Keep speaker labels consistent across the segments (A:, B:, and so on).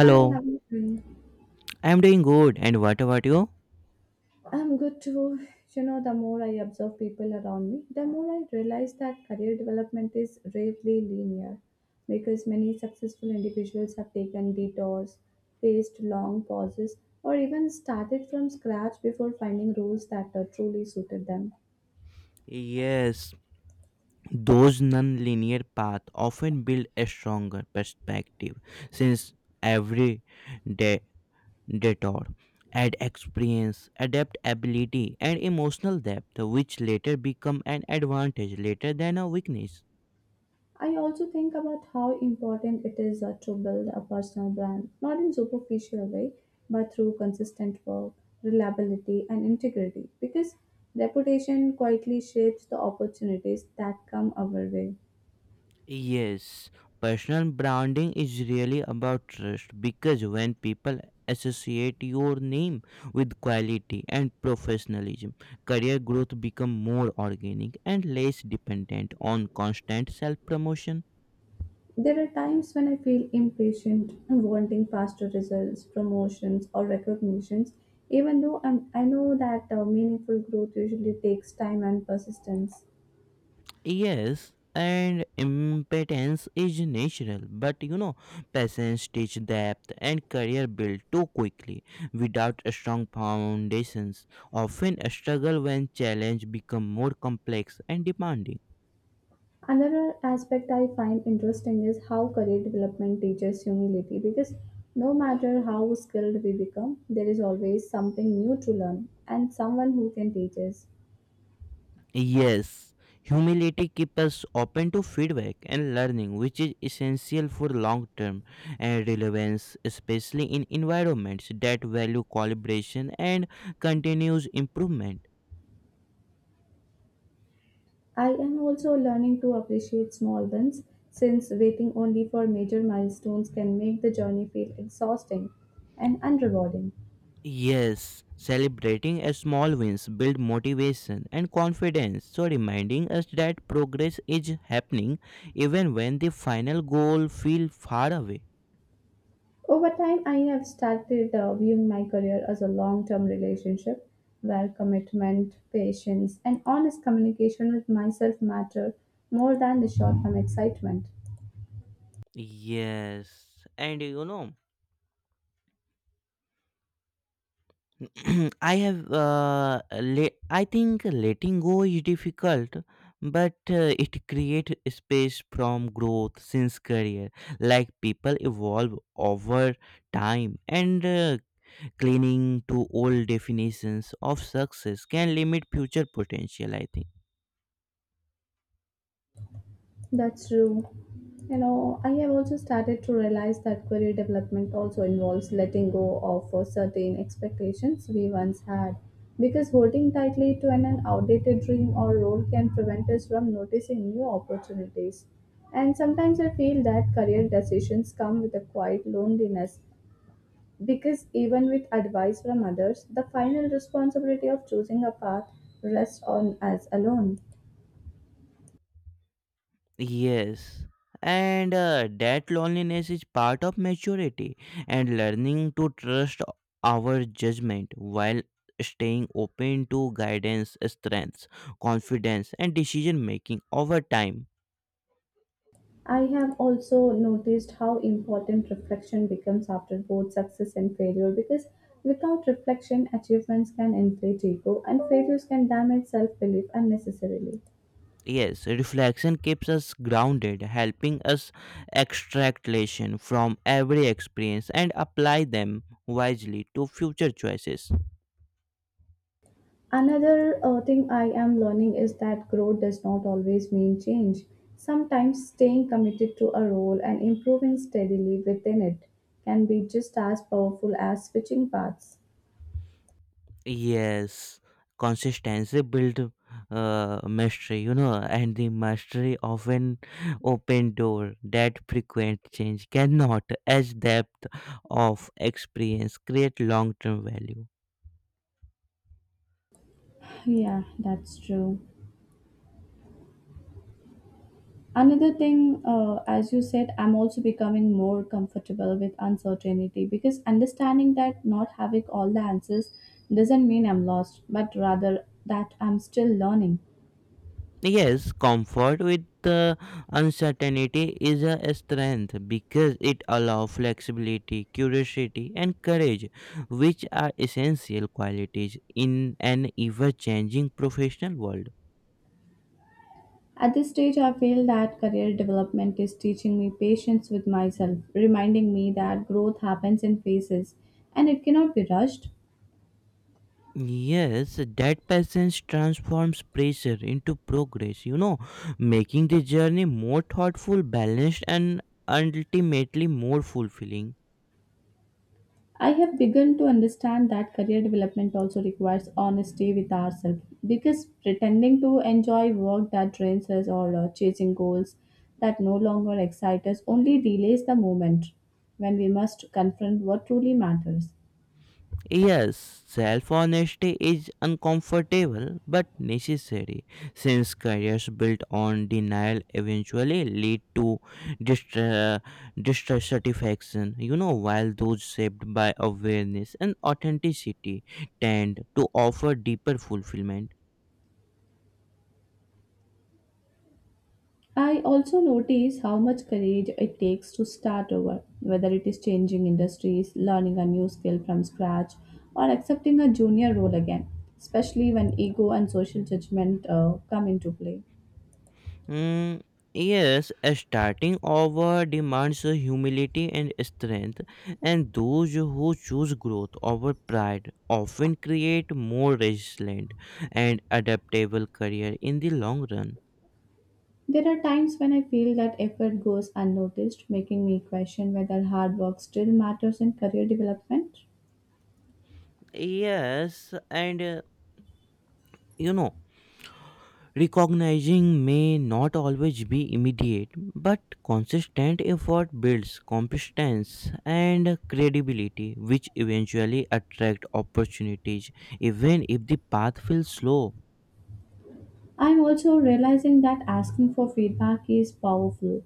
A: Hi, how are you doing?
B: I'm doing good. And what about you?
A: I'm good too. You know, the more I observe people around me, the more I realize that career development is rarely linear because many successful individuals have taken detours, faced long pauses, or even started from scratch before finding roles that truly suited them.
B: Yes, those non-linear paths often build a stronger perspective since every de- detour add experience, adaptability, and emotional depth, which later become an advantage later than a weakness.
A: I also think about how important it is to build a personal brand, not in superficial way, but through consistent work, reliability, and integrity, because reputation quietly shapes the opportunities that come our way.
B: Yes, personal branding is really about trust because when people associate your name with quality and professionalism, career growth become more organic and less dependent on constant self-promotion.
A: There are times when I feel impatient and wanting faster results, promotions, or recognitions, even though I know that meaningful growth usually takes time and persistence.
B: Yes, and impotence is natural, but you know, patience teach depth and career build too quickly without strong foundations. Often struggle when challenge become more complex and demanding.
A: Another aspect I find interesting is how career development teaches humility because no matter how skilled we become, there is always something new to learn and someone who can teach us.
B: Yes, humility keeps us open to feedback and learning, which is essential for long term and relevance, especially in environments that value collaboration and continuous improvement.
A: I am also learning to appreciate small wins since waiting only for major milestones can make the journey feel exhausting and unrewarding.
B: Yes, celebrating a small wins build motivation and confidence, so reminding us that progress is happening even when the final goal feel far away.
A: Over time, I have started viewing my career as a long term relationship where commitment, patience, and honest communication with myself matter more than the short term excitement.
B: Yes, and you know, I have I think letting go is difficult, but it creates space from growth since career. Like people evolve over time, and clinging to old definitions of success can limit future potential, I think.
A: That's true. You know, I have also started to realize that career development also involves letting go of certain expectations we once had. Because holding tightly to an outdated dream or role can prevent us from noticing new opportunities. And sometimes I feel that career decisions come with a quiet loneliness because even with advice from others, the final responsibility of choosing a path rests on us alone.
B: Yes, and that loneliness is part of maturity and learning to trust our judgment while staying open to guidance strengths confidence and decision making over time.
A: I have also noticed how important reflection becomes after both success and failure because without reflection, achievements can inflate ego and failures can damage self belief unnecessarily.
B: Yes, reflection keeps us grounded, helping us extract lessons from every experience and apply them wisely to future choices.
A: Another thing I am learning is that growth does not always mean change. Sometimes staying committed to a role and improving steadily within it can be just as powerful as switching paths.
B: Yes, consistency build mastery, you know, and the mastery of an open door that frequent change cannot, as depth of experience, create long-term value.
A: Yeah, that's true. Another thing, as you said, I'm also becoming more comfortable with uncertainty because understanding that not having all the answers doesn't mean I'm lost, but rather that I'm still learning.
B: Yes, comfort with the uncertainty is a strength because it allows flexibility, curiosity, and courage, which are essential qualities in an ever-changing professional world.
A: At this stage, I feel that career development is teaching me patience with myself, reminding me that growth happens in phases and it cannot be rushed.
B: Yes, that patience transforms pressure into progress, you know, making the journey more thoughtful, balanced, and ultimately more fulfilling.
A: I have begun to understand that career development also requires honesty with ourselves because pretending to enjoy work that drains us or chasing goals that no longer excite us only delays the moment when we must confront what truly matters.
B: Yes, self honesty is uncomfortable but necessary, since careers built on denial eventually lead to distra- dissatisfaction, you know, while those shaped by awareness and authenticity tend to offer deeper fulfillment.
A: I also notice how much courage it takes to start over, whether it is changing industries, learning a new skill from scratch, or accepting a junior role again, especially when ego and social judgment come into play.
B: Mm, yes, a starting over demands humility and strength, and those who choose growth over pride often create more resilient and adaptable career in the long run.
A: There are times when I feel that effort goes unnoticed, making me question whether hard work still matters in career development.
B: Yes, and you know, recognizing may not always be immediate, but consistent effort builds competence and credibility, which eventually attract opportunities, even if the path feels slow.
A: I'm also realizing that asking for feedback is powerful,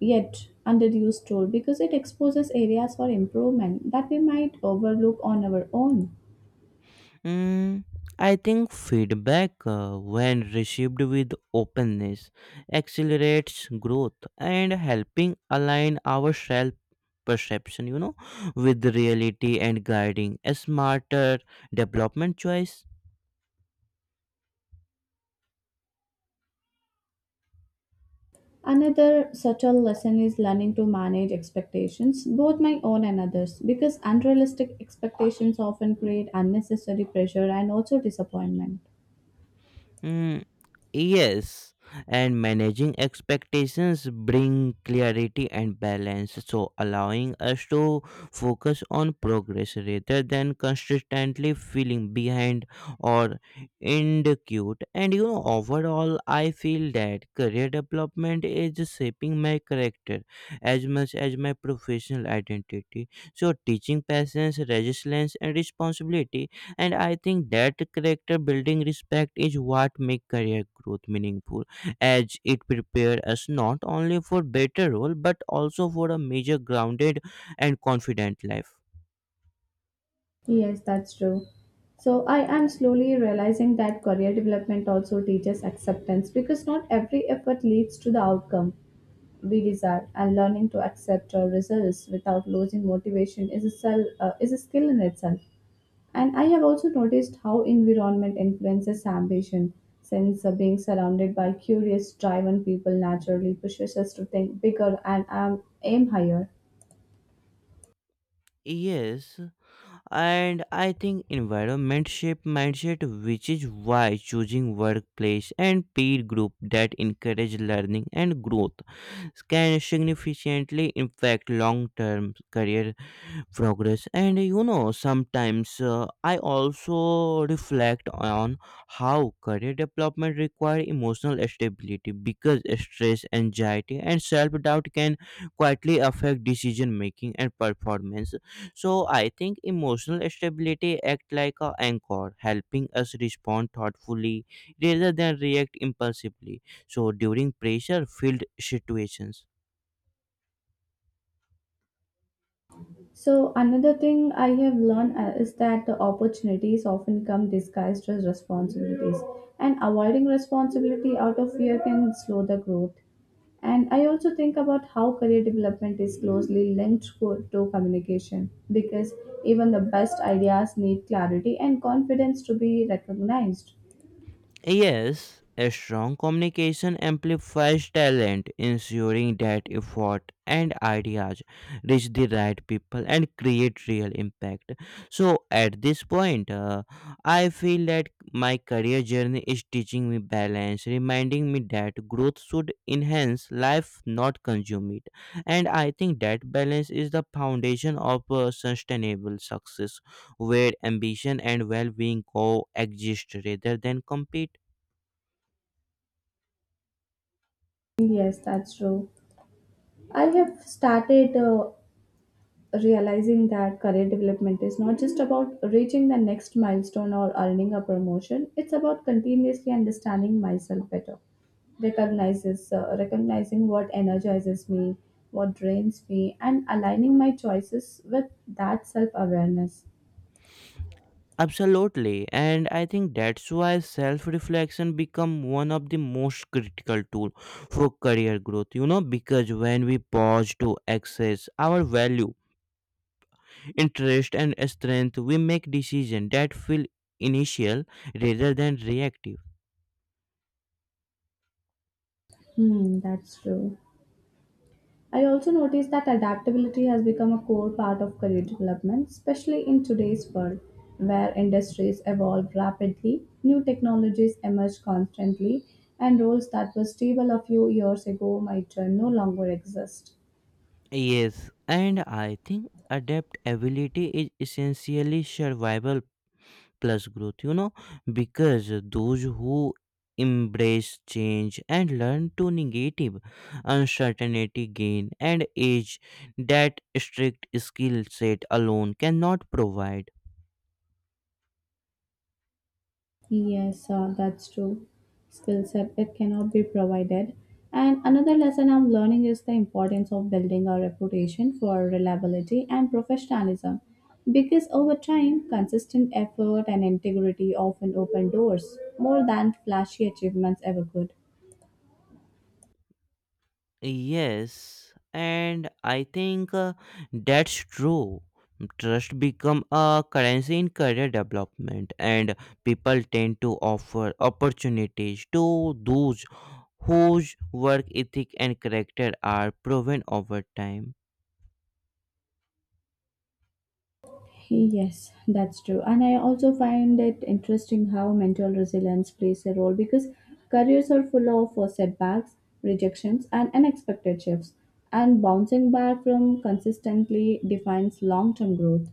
A: yet underused tool because it exposes areas for improvement that we might overlook on our own.
B: Mm, I think feedback, when received with openness, accelerates growth and helping align our self perception, you know, with reality and guiding a smarter development choice.
A: Another subtle lesson is learning to manage expectations, both my own and others, because unrealistic expectations often create unnecessary pressure and also disappointment.
B: Mm, yes, and managing expectations bring clarity and balance, so allowing us to focus on progress rather than constantly feeling behind or inadequate. And you know, overall, I feel that career development is shaping my character as much as my professional identity. So, teaching patience, resilience, and responsibility, and I think that character building respect is what make career growth meaningful as it prepares us not only for better role but also for a major grounded and confident life.
A: Yes, that's true. So I am slowly realizing that career development also teaches acceptance because not every effort leads to the outcome we desire, and learning to accept our results without losing motivation is is a skill in itself. And I have also noticed how environment influences ambition, since being surrounded by curious, driven people naturally pushes us to think bigger and aim higher.
B: Yes, and I think environment shape mindset, which is why choosing workplace and peer group that encourage learning and growth can significantly impact long term career progress. And you know, sometimes I also reflect on how career development require emotional stability, because stress anxiety and self doubt can quietly affect decision making and performance. So I think emotional stability act like a anchor, helping us respond thoughtfully rather than react impulsively. So during pressure filled situations.
A: So another thing I have learned is that the opportunities often come disguised as responsibilities, and avoiding responsibility out of fear can slow the growth. And I also think about how career development is closely linked to communication because even the best ideas need clarity and confidence to be recognized.
B: Yes, a strong communication amplifies talent, ensuring that effort and ideas reach the right people and create real impact. So, at this point, I feel that my career journey is teaching me balance, reminding me that growth should enhance life, not consume it. And I think that balance is the foundation of sustainable success, where ambition and well being coexist rather than compete.
A: Yes, that's true. I have started realizing that career development is not just about reaching the next milestone or earning a promotion. It's about continuously understanding myself better, recognizes recognizing what energizes me, what drains me, and aligning my choices with that self awareness.
B: Absolutely, and I think that's why self-reflection become one of the most critical tool for career growth. You know, because when we pause to access our value, interest, and strength, we make decisions that feel initial rather than reactive.
A: Hmm, that's true. I also noticed that adaptability has become a core part of career development, especially in today's world where industries evolve rapidly, new technologies emerge constantly, and roles that were stable a few years ago might no longer exist.
B: Yes, and I think adaptability is essentially survival plus growth, you know, because those who embrace change and learn to negative uncertainty gain and age that strict skill set alone cannot provide.
A: Yes, that's true. Skill set it cannot be provided. And another lesson I'm learning is the importance of building a reputation for reliability and professionalism, because over time, consistent effort and integrity often open doors more than flashy achievements ever could.
B: Yes, and I think that's true. Trust become a currency in career development, and people tend to offer opportunities to those whose work ethic and character are proven over time.
A: Yes, that's true. And I also find it interesting how mental resilience plays a role because careers are full of setbacks, rejections, and unexpected shifts. And bouncing back from consistently defines long term growth.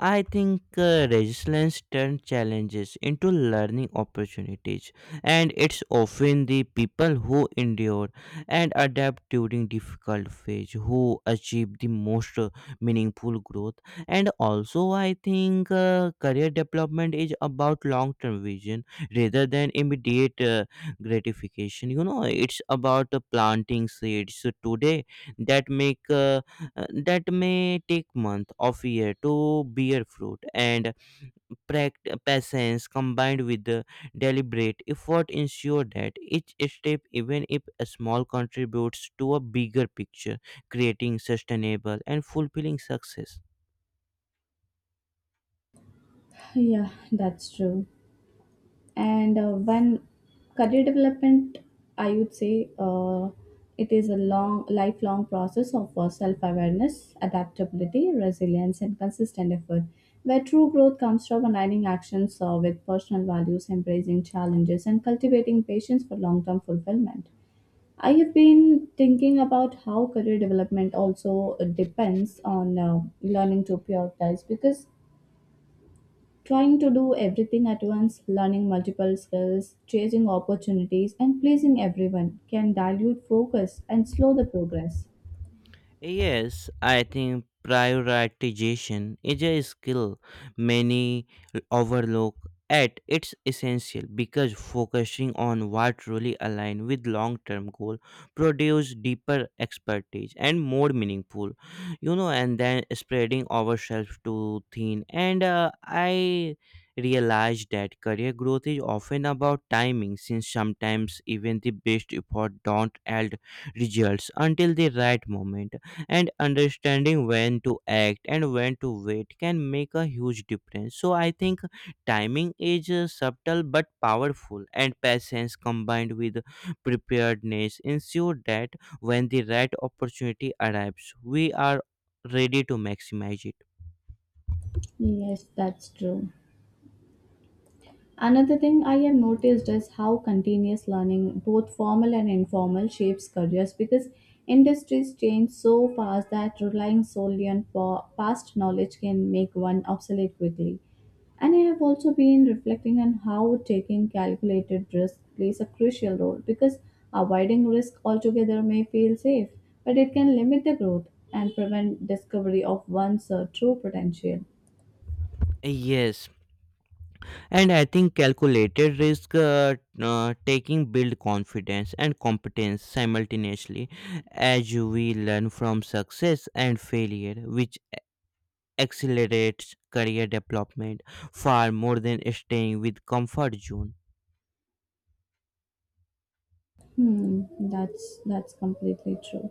B: I think resilience turns challenges into learning opportunities, and it's often the people who endure and adapt during difficult phase who achieve the most meaningful growth. And also, I think career development is about long-term vision rather than immediate gratification. You know, it's about planting seeds today that make. That may take month of year to bear fruit, and patience combined with the deliberate effort ensure that each step, even if small, contributes to a bigger picture, creating sustainable and fulfilling success.
A: Yeah, that's true. And one career development, I would say it is a long, lifelong process of self awareness, adaptability, resilience, and consistent effort, where true growth comes from aligning actions with personal values, embracing challenges, and cultivating patience for long term fulfillment. I have been thinking about how career development also depends on learning to prioritize because trying to do everything at once, learning multiple skills, chasing opportunities, and pleasing everyone can dilute focus and slow the progress.
B: Yes, I think prioritization is a skill many overlook at its essential, because focusing on what truly align with long-term goal produce deeper expertise and more meaningful, you know, and then spreading ourselves too thin. And I realized that career growth is often about timing, since sometimes even the best effort don't yield results until the right moment, and understanding when to act and when to wait can make a huge difference. So I think timing is subtle but powerful, and patience combined with preparedness ensure that when the right opportunity arrives we are ready to maximize it.
A: Yes, that's true. Another thing I have noticed is how continuous learning, both formal and informal, shapes careers because industries change so fast that relying solely on past knowledge can make one obsolete quickly. And I have also been reflecting on how taking calculated risk plays a crucial role because avoiding risk altogether may feel safe, but it can limit the growth and prevent discovery of one's true potential.
B: Yes, and I think calculated risk taking build confidence and competence simultaneously as we learn from success and failure, which accelerates career development far more than staying with comfort zone.
A: Hmm, that's completely true.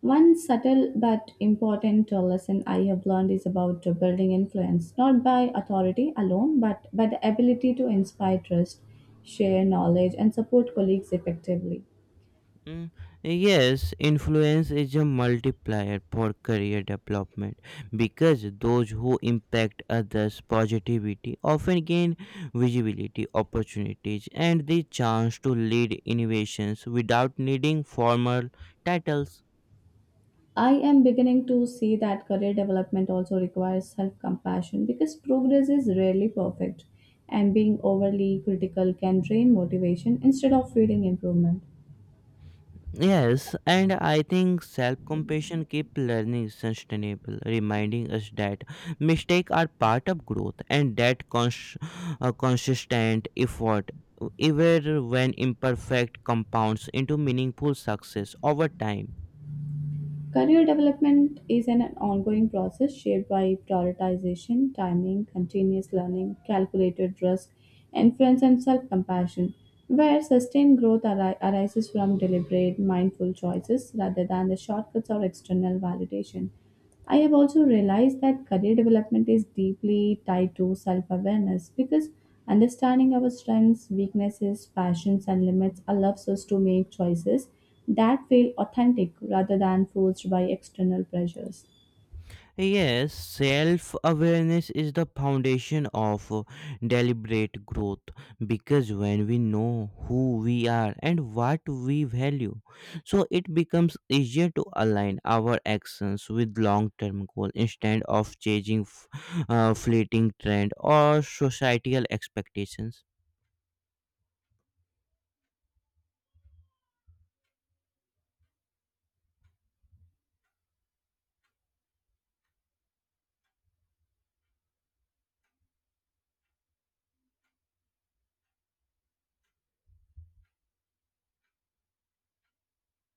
A: One subtle but important lesson I have learned is about building influence, not by authority alone, but by the ability to inspire trust, share knowledge, and support colleagues effectively.
B: Mm, yes, influence is a multiplier for career development, because those who impact others positivity often gain visibility, opportunities, and the chance to lead innovations without needing formal titles.
A: I am beginning to see that career development also requires self compassion because progress is rarely perfect, and being overly critical can drain motivation instead of feeding improvement.
B: Yes, and I think self compassion keep learning sustainable, reminding us that mistakes are part of growth, and that consistent effort, even when imperfect, compounds into meaningful success over time.
A: Career development is an ongoing process shaped by prioritization, timing, continuous learning, calculated risk, influence, and self compassion, where sustained growth arises from deliberate, mindful choices rather than the shortcuts or external validation. I have also realized that career development is deeply tied to self awareness because understanding our strengths, weaknesses, passions, and limits allows us to make choices that feel authentic rather than forced by external pressures.
B: Yes, self awareness is the foundation of deliberate growth, because when we know who we are and what we value, so it becomes easier to align our actions with long term goals instead of chasing fleeting trend or societal expectations.